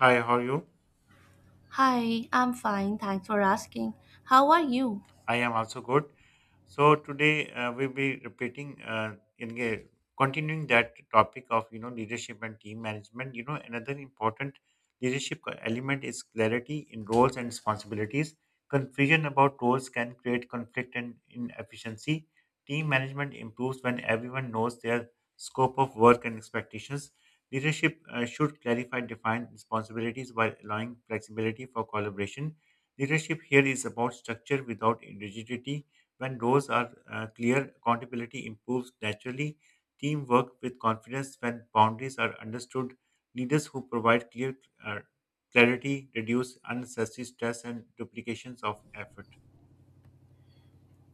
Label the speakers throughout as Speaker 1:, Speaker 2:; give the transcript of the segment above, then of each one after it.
Speaker 1: Hi, how are you?
Speaker 2: Hi, I'm fine. Thanks for asking. How are you?
Speaker 1: I am also good. So today we'll be continuing that topic of leadership and team management. You know another important element is clarity in roles and responsibilities. Confusion about roles can create conflict and inefficiency. Team management improves when everyone knows their scope of work and expectations. Leadership should clarify defined responsibilities while allowing flexibility for collaboration. Leadership here is about structure without rigidity when roles are clear, accountability improves naturally. Teamwork with confidence when boundaries are understood. Leaders who provide clear uh, clarity reduce unnecessary stress and duplications of effort.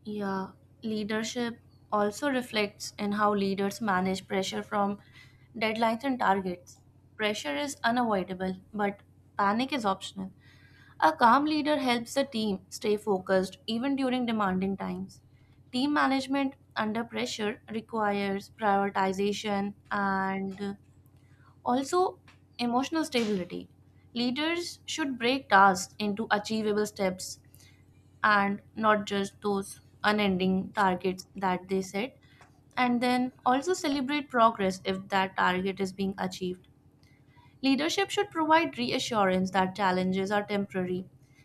Speaker 2: Yeah, leadership also reflects in how leaders manage pressure from deadlines and targets. Pressure is unavoidable, but panic is optional. A calm leader helps the team stay focused even during demanding times. Team management under pressure requires prioritization and also, emotional stability. Leaders should break tasks into achievable steps and not just those unending targets that they set, and then also celebrate progress if that target is being achieved. Leadership should provide reassurance that challenges are temporary.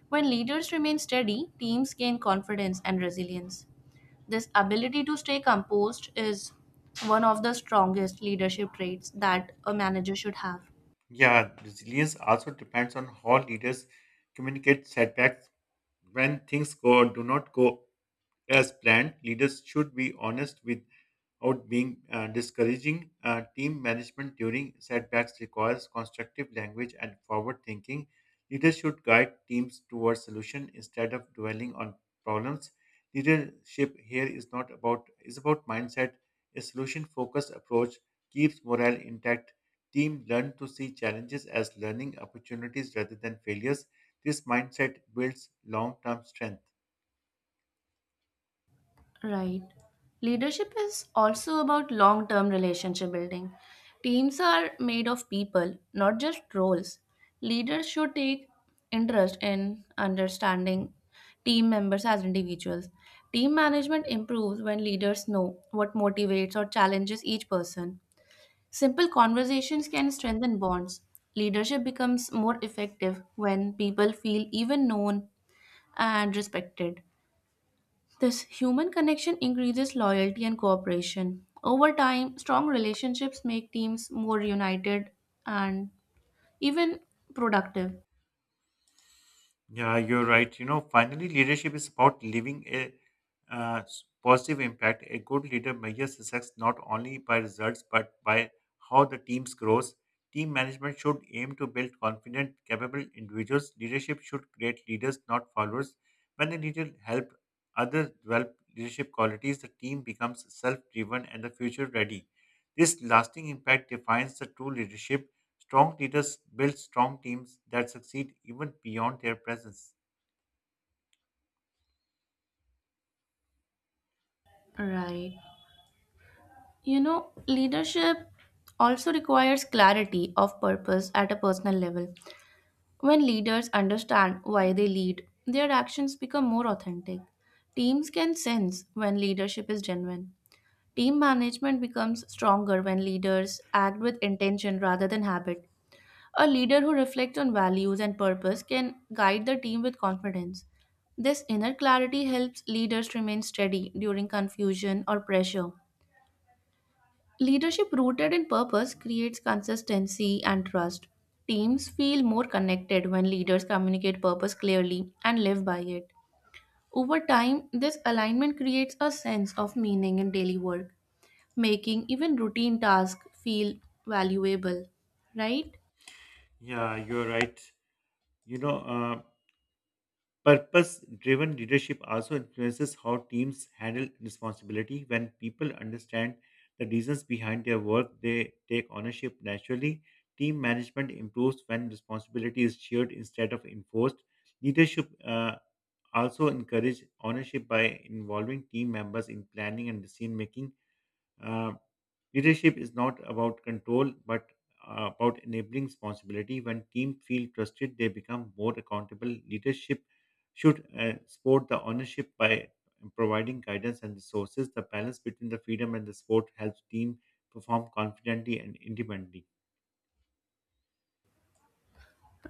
Speaker 2: When leaders remain steady, teams gain confidence and resilience. This ability to stay composed is one of the strongest leadership traits that a manager should have.
Speaker 1: Yeah, resilience also depends on how leaders communicate setbacks when things go do not go as planned. Leaders should be honest without being discouraging. Team management during setbacks requires constructive language and forward thinking. Leaders should guide teams towards solution instead of dwelling on problems. Leadership here is not about is about mindset. A solution focused approach keeps morale intact. Team learn to see challenges as learning opportunities rather than failures. This mindset builds long term strength.
Speaker 2: Right. Leadership is also about long term relationship building. Teams are made of people, not just roles. Leaders should take interest in understanding team members as individuals. Team management improves when leaders know what motivates or challenges each person. Simple conversations can strengthen bonds. Leadership becomes more effective when people feel even known and respected. This human connection increases loyalty and cooperation. Over time, strong relationships make teams more united and even productive.
Speaker 1: Yeah, you're right. You know, finally, leadership is about leaving a positive impact. A good leader measures success not only by results but by how the team grows. Team management should aim to build confident, capable individuals. Leadership should create leaders, not followers. When a leader helps others develop leadership qualities, the team becomes self-driven and the future ready. This lasting impact defines the true leadership. Strong leaders build strong teams that succeed even beyond their presence.
Speaker 2: Right. You know, leadership also requires clarity of purpose at a personal level. When leaders understand why they lead, their actions become more authentic. Teams can sense when leadership is genuine. Team management becomes stronger when leaders act with intention rather than habit. A leader who reflects on values and purpose can guide the team with confidence. This inner clarity helps leaders remain steady during confusion or pressure. Leadership rooted in purpose creates consistency and trust. Teams feel more connected when leaders communicate purpose clearly and live by it. Over time, this alignment creates a sense of meaning in daily work, making even routine tasks feel valuable. Right?
Speaker 1: Yeah, you're right. You know, uh, Purpose driven leadership also influences how teams handle responsibility. When people understand the reasons behind their work, they take ownership naturally. Team management improves when responsibility is shared instead of enforced. Leadership also encourages ownership by involving team members in planning and decision making. Uh, Leadership is not about control, but about enabling responsibility. When teams feel trusted, they become more accountable. Leadership should support the ownership by providing guidance and resources. The balance between the freedom and the support helps team perform confidently and independently.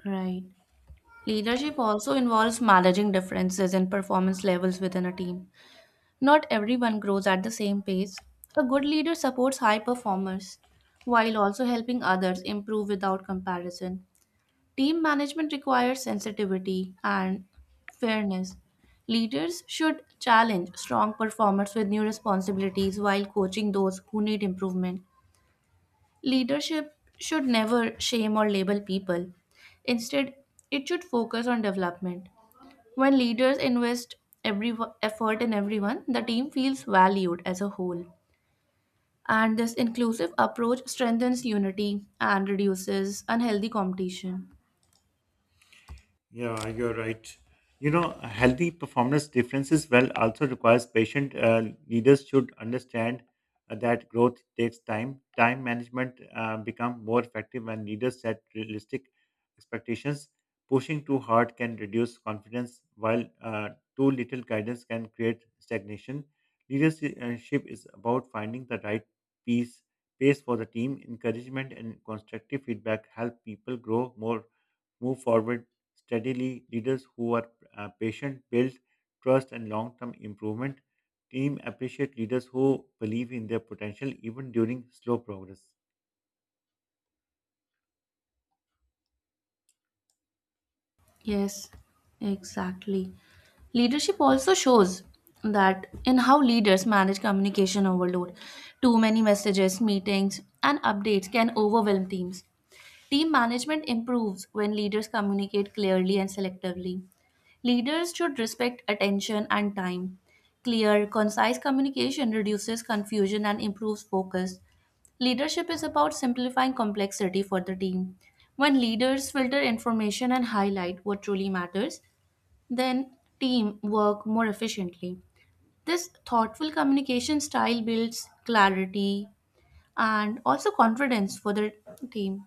Speaker 2: Right. Leadership also involves managing differences and performance levels within a team. Not everyone grows at the same pace. A good leader supports high performers while also helping others improve without comparison. Team management requires sensitivity and fairness. Leaders should challenge strong performers with new responsibilities while coaching those who need improvement. Leadership should never shame or label people. Instead, it should focus on development. When leaders invest every effort in everyone, the team feels valued as a whole. And this inclusive approach strengthens unity and reduces unhealthy competition.
Speaker 1: Yeah, you're right. You know, healthy performance differences well also requires patient. Leaders should understand that growth takes time. Time management become more effective when leaders set realistic expectations. Pushing too hard can reduce confidence, while too little guidance can create stagnation. Leadership is about finding the right piece pace for the team. Encouragement and constructive feedback help people grow more move forward steadily. Leaders who are patient build trust and long term improvement. Team appreciate leaders who believe in their potential even during slow progress.
Speaker 2: Yes, exactly. Leadership also shows that in how leaders manage communication overload. Too many messages, meetings, and updates can overwhelm teams. Team management improves when leaders communicate clearly and selectively. Leaders should respect attention and time. Clear, concise communication reduces confusion and improves focus. Leadership is about simplifying complexity for the team. When leaders filter information and highlight what truly matters, then team work more efficiently. This thoughtful communication style builds clarity and also confidence for the team.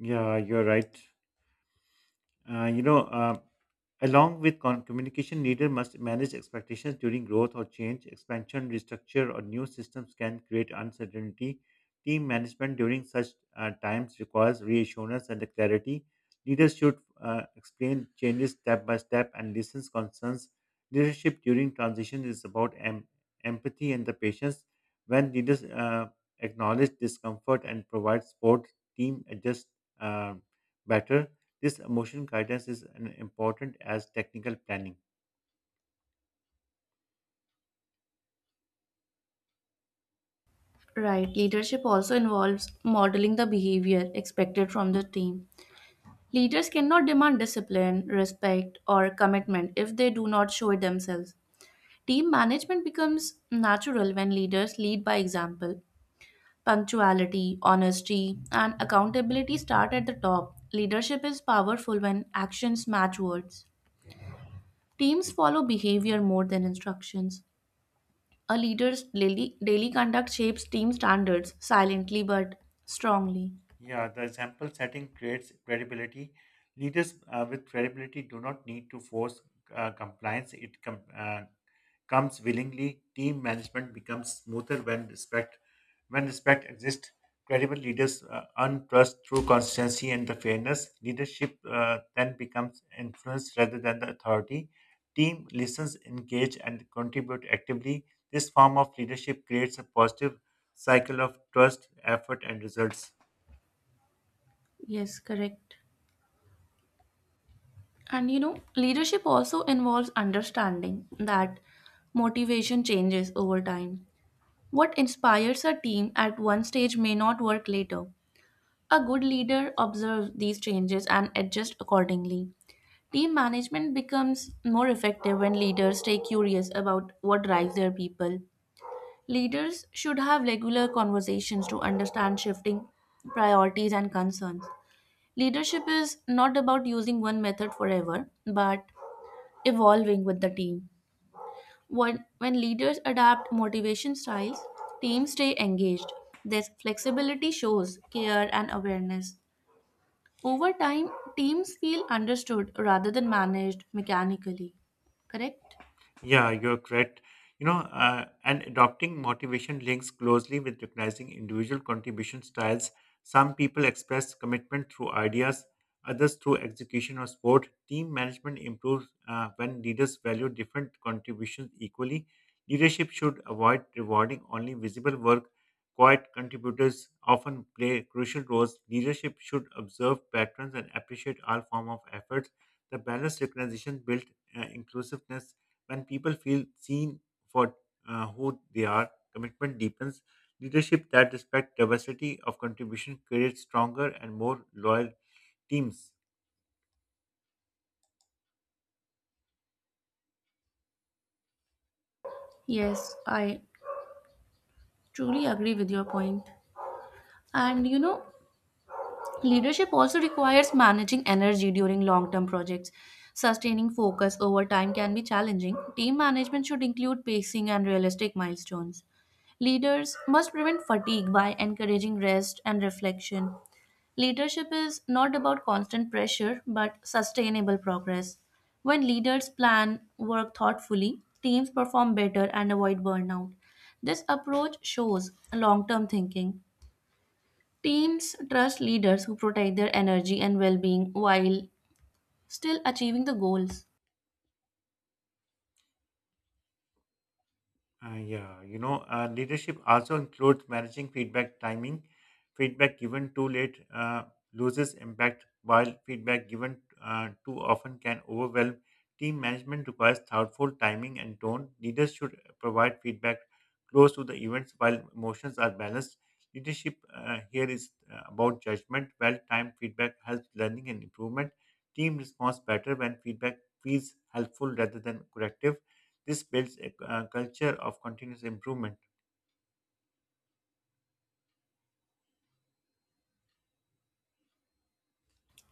Speaker 1: Yeah, you're right. Uh, you know, uh, Along with communication, leader must manage expectations during growth or change. Expansion, restructure, or new systems can create uncertainty. Team management during such times requires reassurance and the clarity. Leaders should explain changes step by step and listen to concerns. Leadership during transition is about empathy and the patience. When leaders acknowledge discomfort and provide support, team adjusts uh, better. This emotional guidance is an important as technical planning.
Speaker 2: Right, leadership also involves modeling the behavior expected from the team. Leaders cannot demand discipline, respect, or commitment if they do not show it themselves. Team management becomes natural when leaders lead by example. Punctuality, honesty, and accountability start at the top. Leadership is powerful when actions match words. Teams follow behavior more than instructions. A leader's daily conduct shapes team standards silently but strongly.
Speaker 1: Yeah, the example setting creates credibility. Leaders with credibility do not need to force compliance. It comes willingly. Team management becomes smoother when respect exists. Credible leaders earn trust through consistency and the fairness. Leadership then becomes influence rather than the authority. Team listens, engage, and contribute actively. This form of leadership creates a positive cycle of trust, effort, and results.
Speaker 2: Yes, correct. And you know, leadership also involves understanding that motivation changes over time. What inspires a team at one stage may not work later. A good leader observes these changes and adjusts accordingly. Team management becomes more effective when leaders stay curious about what drives their people. Leaders should have regular conversations to understand shifting priorities and concerns. Leadership is not about using one method forever, but evolving with the team. When leaders adapt motivation styles, teams stay engaged. This flexibility shows care and awareness. Over time, teams feel understood rather than managed mechanically. Correct?
Speaker 1: Yeah, you're correct. And adopting motivation links closely with recognizing individual contribution styles. Some people express commitment through ideas, others through execution or sport. Team management improves when leaders value different contributions equally. Leadership should avoid rewarding only visible work. Quiet contributors often play crucial roles. Leadership should observe patterns and appreciate all form of efforts. The balanced recognition built inclusiveness when people feel seen for who they are, commitment deepens. Leadership that respects diversity of contribution creates stronger and more loyal teams.
Speaker 2: Yes, I truly agree with your point. And you know, leadership also requires managing energy during long term projects. Sustaining focus over time can be challenging. Team management should include pacing and realistic milestones. Leaders must prevent fatigue by encouraging rest and reflection. Leadership is not about constant pressure but sustainable progress. When leaders plan work thoughtfully, teams perform better and avoid burnout. This approach shows long term thinking. Teams trust leaders who protect their energy and well being while still achieving the goals.
Speaker 1: Leadership also includes managing feedback timing. Feedback given too late loses impact, while feedback given too often can overwhelm. Team management requires thoughtful timing and tone. Leaders should provide feedback close to the events while emotions are balanced. Leadership here is about judgment. Well timed feedback helps learning and improvement. Team responds better when feedback feels helpful rather than corrective. This builds a culture of continuous improvement.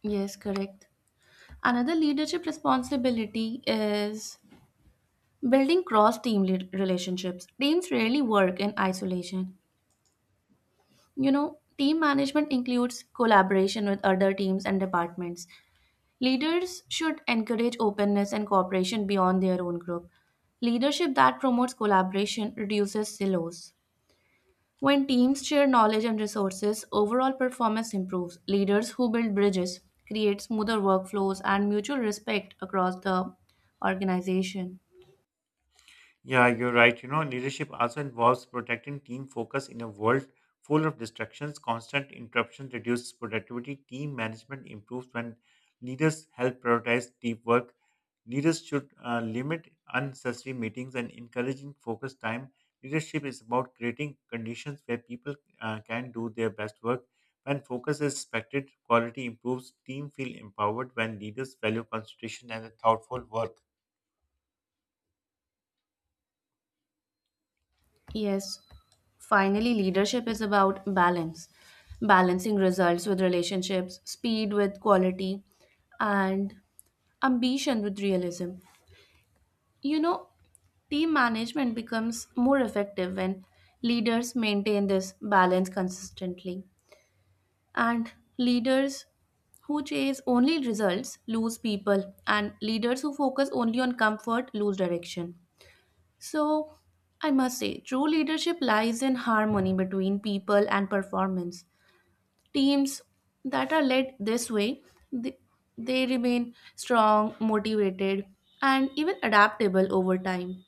Speaker 2: Yes, correct. Another leadership responsibility is building cross team relationships. Teams rarely work in isolation. You know, team management includes collaboration with other teams and departments. Leaders should encourage openness and cooperation beyond their own group. Leadership that promotes collaboration reduces silos. When teams share knowledge and resources, overall performance improves. Leaders who build bridges create smoother workflows and mutual respect across the organization.
Speaker 1: Yeah, you're right. You know, leadership also involves protecting team focus in a world full of distractions. Constant interruption reduces productivity. Team management improves when leaders help prioritize deep work. Leaders should limit unnecessary meetings and encouraging focused time. Leadership is about creating conditions where people can do their best work. When focus is respected, quality improves, team feel empowered when leaders value concentration and a thoughtful work.
Speaker 2: Yes, finally, leadership is about balance, balancing results with relationships, speed with quality, and ambition with realism. You know, team management becomes more effective when leaders maintain this balance consistently. And leaders who chase only results lose people, and leaders who focus only on comfort lose direction. So, I must say, true leadership lies in harmony between people and performance. Teams that are led this way, they, they remain strong, motivated, and even adaptable over time.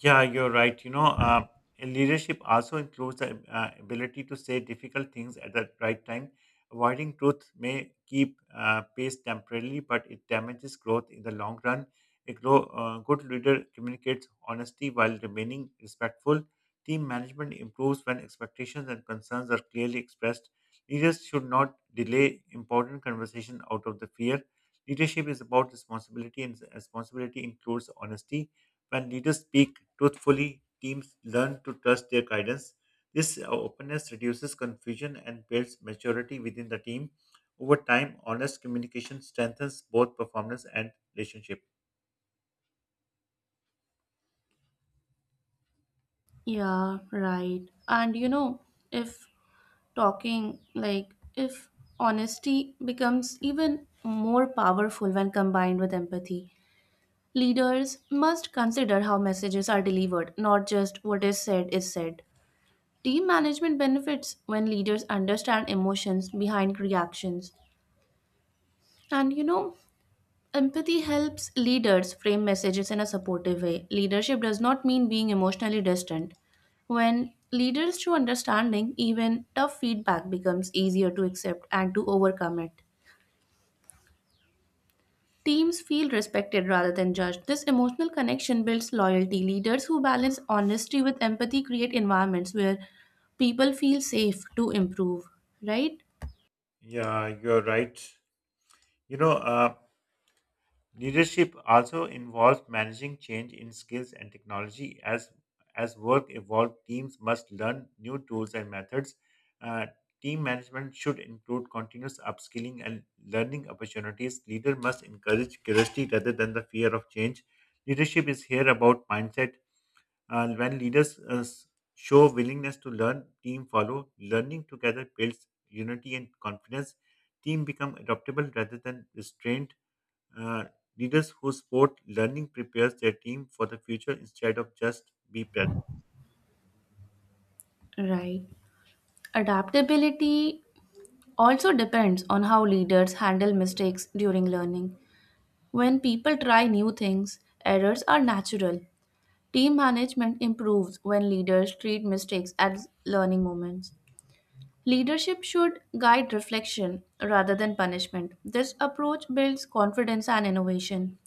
Speaker 1: Yeah, you're right. Leadership also includes the ability to say difficult things at the right time. Avoiding truth may keep pace temporarily, but it damages growth in the long run. Good leader communicates honesty while remaining respectful. Team management improves when expectations and concerns are clearly expressed. Leaders should not delay important conversation out of the fear. Leadership is about responsibility, and responsibility includes honesty when leaders speak truthfully, teams learn to trust their guidance. This openness reduces confusion and builds maturity within the team. Over time, honest communication strengthens both performance and relationship.
Speaker 2: Yeah, right. And you know, if talking like if honesty becomes even more powerful when combined with empathy, leaders must consider how messages are delivered, not just what is said, team management benefits when leaders understand emotions behind reactions. And you know, empathy helps leaders frame messages in a supportive way. Leadership does not mean being emotionally distant. When leaders show understanding, even tough feedback becomes easier to accept and to overcome it. Teams feel respected rather than judged. This emotional connection builds loyalty. Leaders who balance honesty with empathy create environments where people feel safe to improve, right?
Speaker 1: Yeah, you're right. You know, uh, Leadership also involves managing change in skills and technology. As work evolves, teams must learn new tools and methods. Uh, Team management should include continuous upskilling and learning opportunities. Leader must encourage curiosity rather than the fear of change. Leadership is here about mindset. When leaders show willingness to learn, team follow. Learning together builds unity and confidence. Team become adaptable rather than restrained. uh, Leaders who support learning prepares their team for the future instead of just be present.
Speaker 2: Right. Adaptability also depends on how leaders handle mistakes during learning. When people try new things, errors are natural. Team management improves when leaders treat mistakes as learning moments. Leadership should guide reflection rather than punishment. This approach builds confidence and innovation.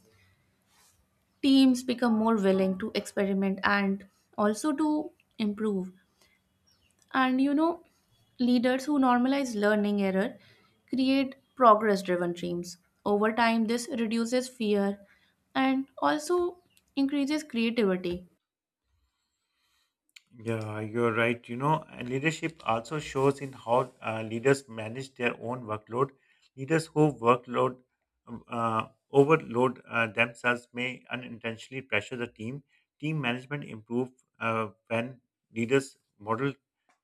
Speaker 2: Teams become more willing to experiment and also to improve. And you know, leaders who normalize learning error create progress driven teams. Over time, this reduces fear and also increases creativity.
Speaker 1: Yeah, you're right. You know, and leadership also shows in how leaders manage their own workload. Leaders who workload overload themselves may unintentionally pressure the team. Team management improve when leaders model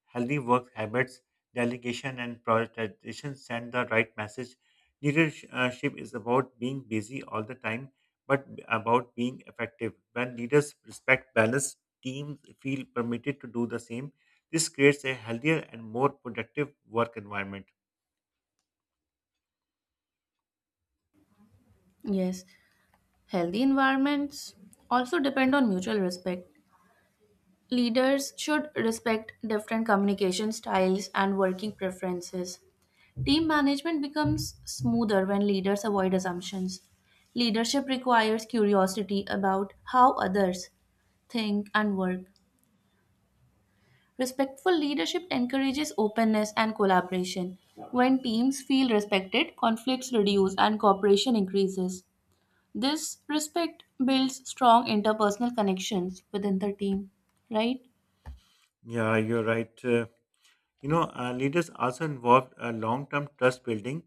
Speaker 1: healthy work habits, delegation, and prioritization send the right message. Leadership is about being busy all the time, but about being effective. When leaders respect balance, teams feel permitted to do the same. This creates a healthier and more productive work environment.
Speaker 2: Yes, healthy environments also depend on mutual respect. Leaders should respect different communication styles and working preferences. Team management becomes smoother when leaders avoid assumptions. Leadership requires curiosity about how others think and work. Respectful leadership encourages openness and collaboration. When teams feel respected, conflicts reduce and cooperation increases. This respect builds strong interpersonal connections within the team, right?
Speaker 1: Yeah, you're right. Leaders also involved long-term trust building.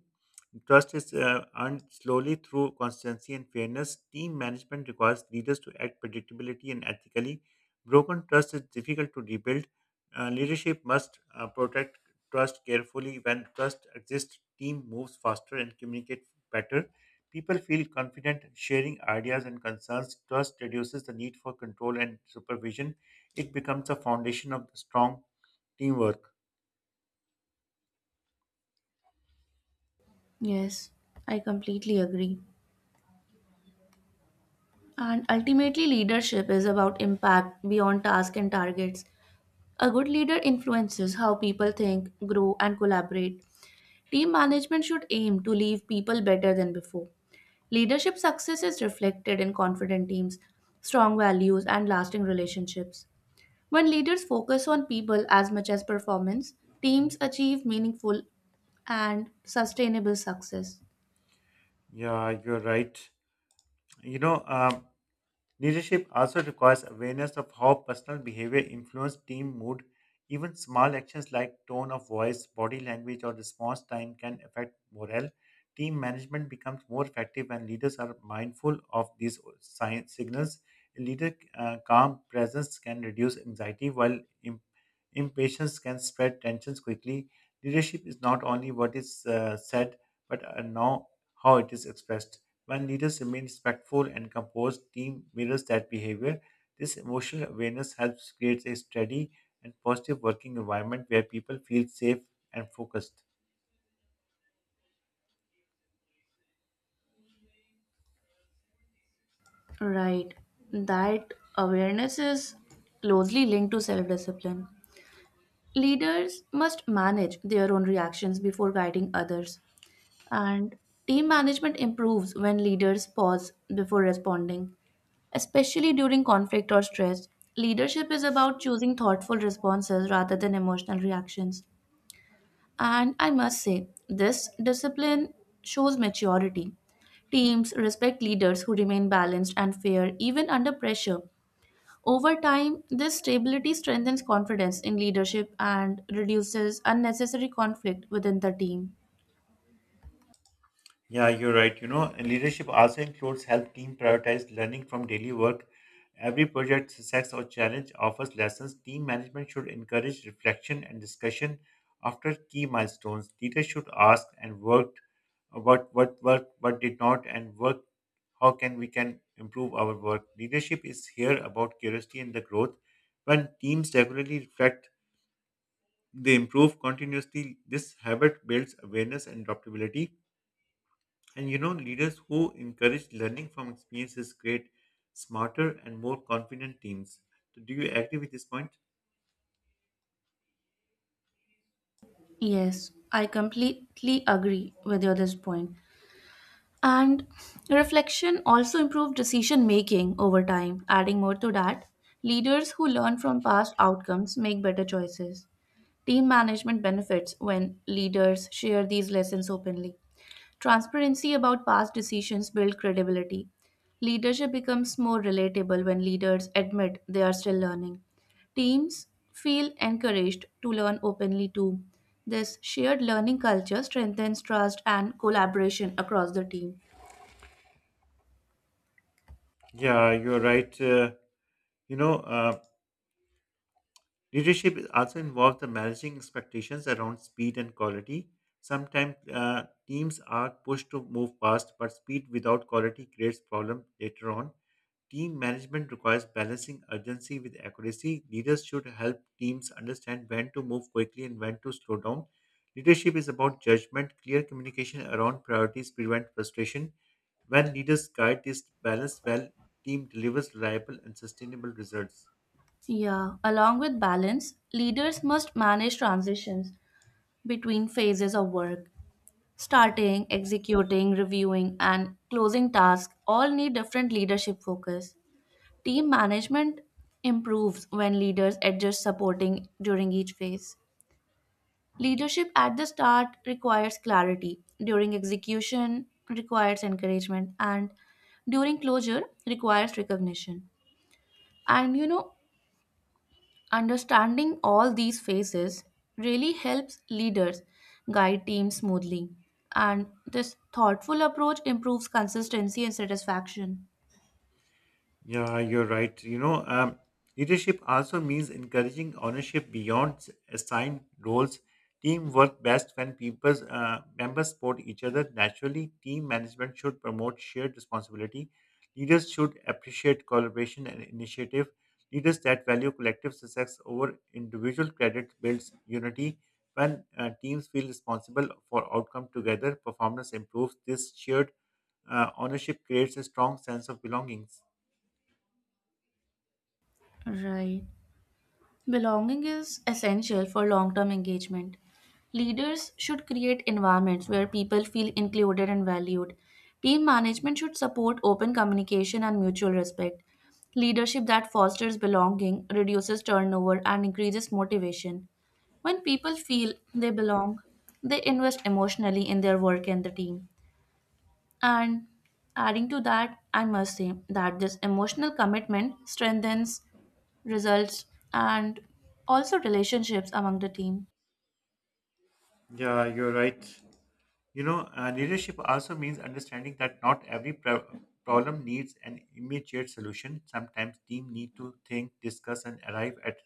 Speaker 1: Trust is earned slowly through consistency and fairness. Team management requires leaders to act predictably and ethically. Broken trust is difficult to rebuild. Leadership must protect trust carefully. When trust exists, team moves faster and communicate better. People feel confident sharing ideas and concerns. Trust reduces the need for control and supervision. It becomes a foundation of strong teamwork.
Speaker 2: Yes, I completely agree. And ultimately, leadership is about impact beyond tasks and targets. A good leader influences how people think, grow, and collaborate. Team management should aim to leave people better than before. Leadership success is reflected in confident teams, strong values, and lasting relationships. When leaders focus on people as much as performance, teams achieve meaningful and sustainable success.
Speaker 1: Yeah, you're right. You know, um, Leadership also requires awareness of how personal behavior influences team mood. Even small actions like tone of voice, body language, or response time can affect morale. Team management becomes more effective when leaders are mindful of these signals. A leader calm presence can reduce anxiety, while impatience can spread tensions quickly. Leadership is not only what is said, but now how it is expressed. When leaders remain respectful and composed, team mirrors that behavior. This emotional awareness helps create a steady and positive working environment where people feel safe and focused.
Speaker 2: Right. That awareness is closely linked to self discipline. Leaders must manage their own reactions before guiding others. And team management improves when leaders pause before responding, especially during conflict or stress. Leadership is about choosing thoughtful responses rather than emotional reactions. And I must say, this discipline shows maturity. Teams respect leaders who remain balanced and fair even under pressure. Over time, this stability strengthens confidence in leadership and reduces unnecessary conflict within the team.
Speaker 1: Yeah, you're right. You know, and leadership also includes help team prioritize learning from daily work. Every project success or challenge offers lessons. Team management should encourage reflection and discussion after key milestones. Leaders should ask and worked what worked, what did not, and work how can we can improve our work. Leadership is here about curiosity and the growth. When teams regularly reflect, they improve continuously. This habit builds awareness and adaptability. And you know, leaders who encourage learning from experiences create smarter and more confident teams. So, do you agree with this point?
Speaker 2: Yes, I completely agree with your this point. And reflection also improves decision making over time. Adding more to that, leaders who learn from past outcomes make better choices. Team management benefits when leaders share these lessons openly. Transparency about past decisions builds credibility. Leadership becomes more relatable when leaders admit they are still learning. Teams feel encouraged to learn openly too. This shared learning culture strengthens trust and collaboration across the team.
Speaker 1: Yeah, you're right. You know, uh, Leadership also involves the managing expectations around speed and quality. Sometimes teams are pushed to move fast, but speed without quality creates problems later on. Team management requires balancing urgency with accuracy. Leaders should help teams understand when to move quickly and when to slow down. Leadership is about judgment, clear communication around priorities prevent frustration. When leaders guide this balance well, team delivers reliable and sustainable results.
Speaker 2: Yeah, along with balance, leaders must manage transitions between phases of work. Starting, executing, reviewing, and closing tasks all need different leadership focus. Team management improves when leaders adjust supporting during each phase. Leadership at the start requires clarity, during execution requires encouragement, and during closure requires recognition. And you know, understanding all these phases really helps leaders guide teams smoothly. And this thoughtful approach improves consistency and satisfaction.
Speaker 1: Yeah, you're right. Leadership also means encouraging ownership beyond assigned roles. Team work best when people members support each other naturally. Team management should promote shared responsibility. Leaders should appreciate collaboration and initiative. Leaders that value collective success over individual credit builds unity. When teams feel responsible for outcome together, performance improves. This shared ownership creates a strong sense of belonging.
Speaker 2: Right. Belonging is essential for long term engagement. Leaders should create environments where people feel included and valued. Team management should support open communication and mutual respect. Leadership that fosters belonging reduces turnover and increases motivation. When people feel they belong, they invest emotionally in their work and the team. And adding to that, I must say that this emotional commitment strengthens results, and also relationships among the team.
Speaker 1: Yeah, you're right. Leadership also means understanding that not every problem needs an immediate solution. Sometimes team need to think, discuss, and arrive at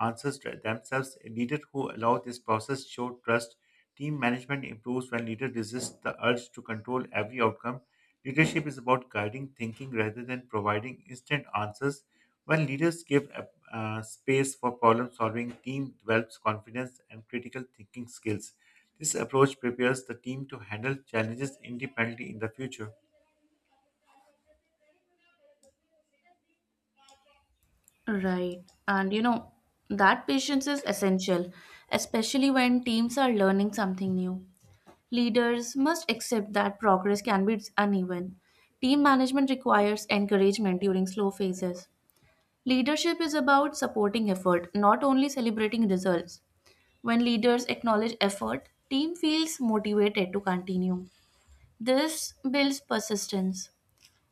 Speaker 1: answers to themselves. A leader who allow this process show trust. Team management improves when leader resists the urge to control every outcome. Leadership is about guiding thinking rather than providing instant answers. When leaders give space for problem solving, team develops confidence and critical thinking skills. This approach prepares the team to handle challenges independently in the future.
Speaker 2: Right. And you know, that patience is essential, especially when teams are learning something new. Leaders must accept that progress can be uneven. Team management requires encouragement during slow phases. Leadership is about supporting effort, not only celebrating results. When leaders acknowledge effort, team feels motivated to continue. This builds persistence.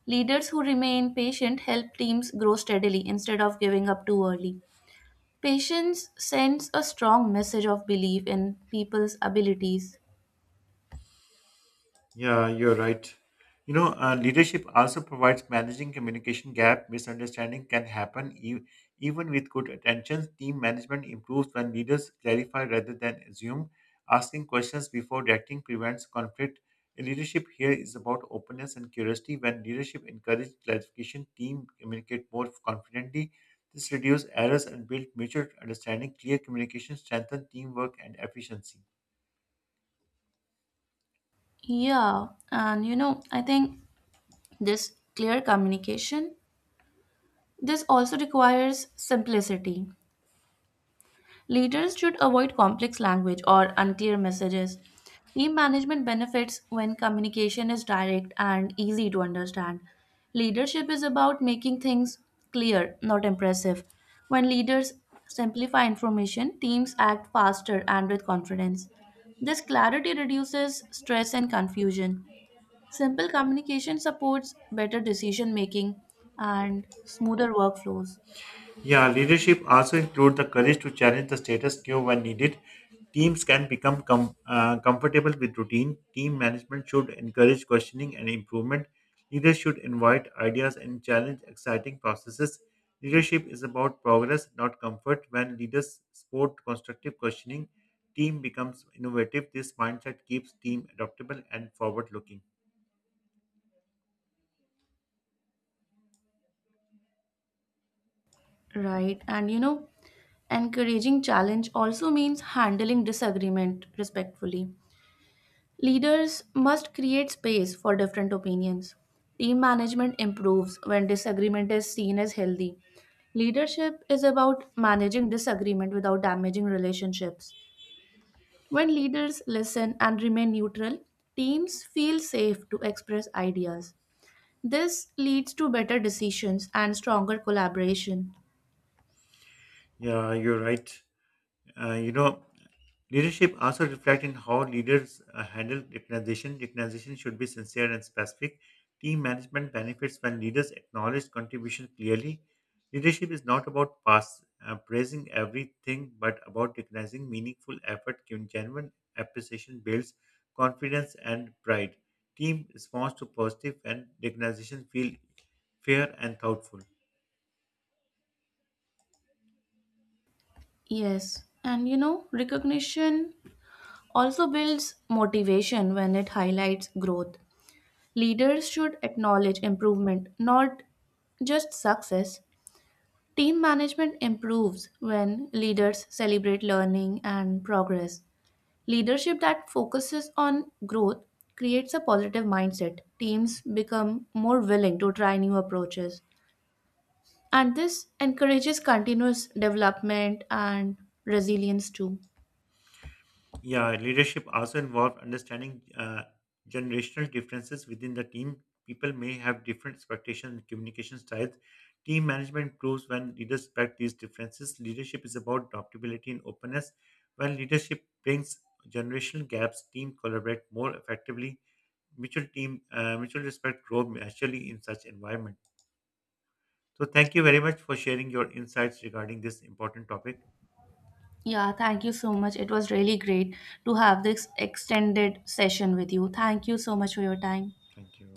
Speaker 2: Leaders who remain patient help teams grow steadily instead of giving up too early. Patience sends a strong message of belief in people's abilities.
Speaker 1: Leadership also provides managing communication gap. Misunderstanding can happen even with good attention. Team management improves when leaders clarify rather than assume. Asking questions before reacting prevents conflict. Leadership here is about openness and curiosity. When leadership encourages clarification, team communicate more confidently. This reduces errors and builds mutual understanding. Clear communication strengthens teamwork and efficiency.
Speaker 2: Yeah, and you know, I think this clear communication this also requires simplicity. Leaders should avoid complex language or unclear messages. Team management benefits when communication is direct and easy to understand. Leadership is about making things clear, not impressive. When leaders simplify information, teams act faster and with confidence. This clarity reduces stress and confusion. Simple communication supports better decision making and smoother workflows.
Speaker 1: Yeah, leadership also includes the courage to challenge the status quo when needed. Teams can become comfortable with routine. Team management should encourage questioning and improvement. Leaders should invite ideas and challenge exciting processes. Leadership is about progress, not comfort. When leaders support constructive questioning, team becomes innovative. This mindset keeps team adaptable and forward-looking.
Speaker 2: Right. And you know, encouraging challenge also means handling disagreement respectfully. Leaders must create space for different opinions. Team management improves when disagreement is seen as healthy. Leadership is about managing disagreement without damaging relationships. When leaders listen and remain neutral, teams feel safe to express ideas. This leads to better decisions and stronger collaboration.
Speaker 1: Yeah, you're right. Uh, you know, Leadership also reflects in how leaders handle recognition. Recognition should be sincere and specific. Team management benefits when leaders acknowledge contribution clearly. Leadership is not about praising everything, but about recognizing meaningful effort. Genuine appreciation builds confidence and pride. Team responds to positive and recognition feel fair and thoughtful.
Speaker 2: Yes, and you know, recognition also builds motivation when it highlights growth. Leaders should acknowledge improvement, not just success. Team management improves when leaders celebrate learning and progress. Leadership that focuses on growth creates a positive mindset. Teams become more willing to try new approaches, and this encourages continuous development and resilience too.
Speaker 1: Yeah, leadership also involves understanding generational differences within the team. People may have different expectations and communication styles. Team management improves when leaders respect these differences. Leadership is about adaptability and openness. When leadership brings generational gaps, team collaborate more effectively. Mutual respect grow naturally in such environment. So, thank you very much for sharing your insights regarding this important topic.
Speaker 2: Yeah, thank you so much. It was really great to have this extended session with you. Thank you so much for your time.
Speaker 1: Thank you.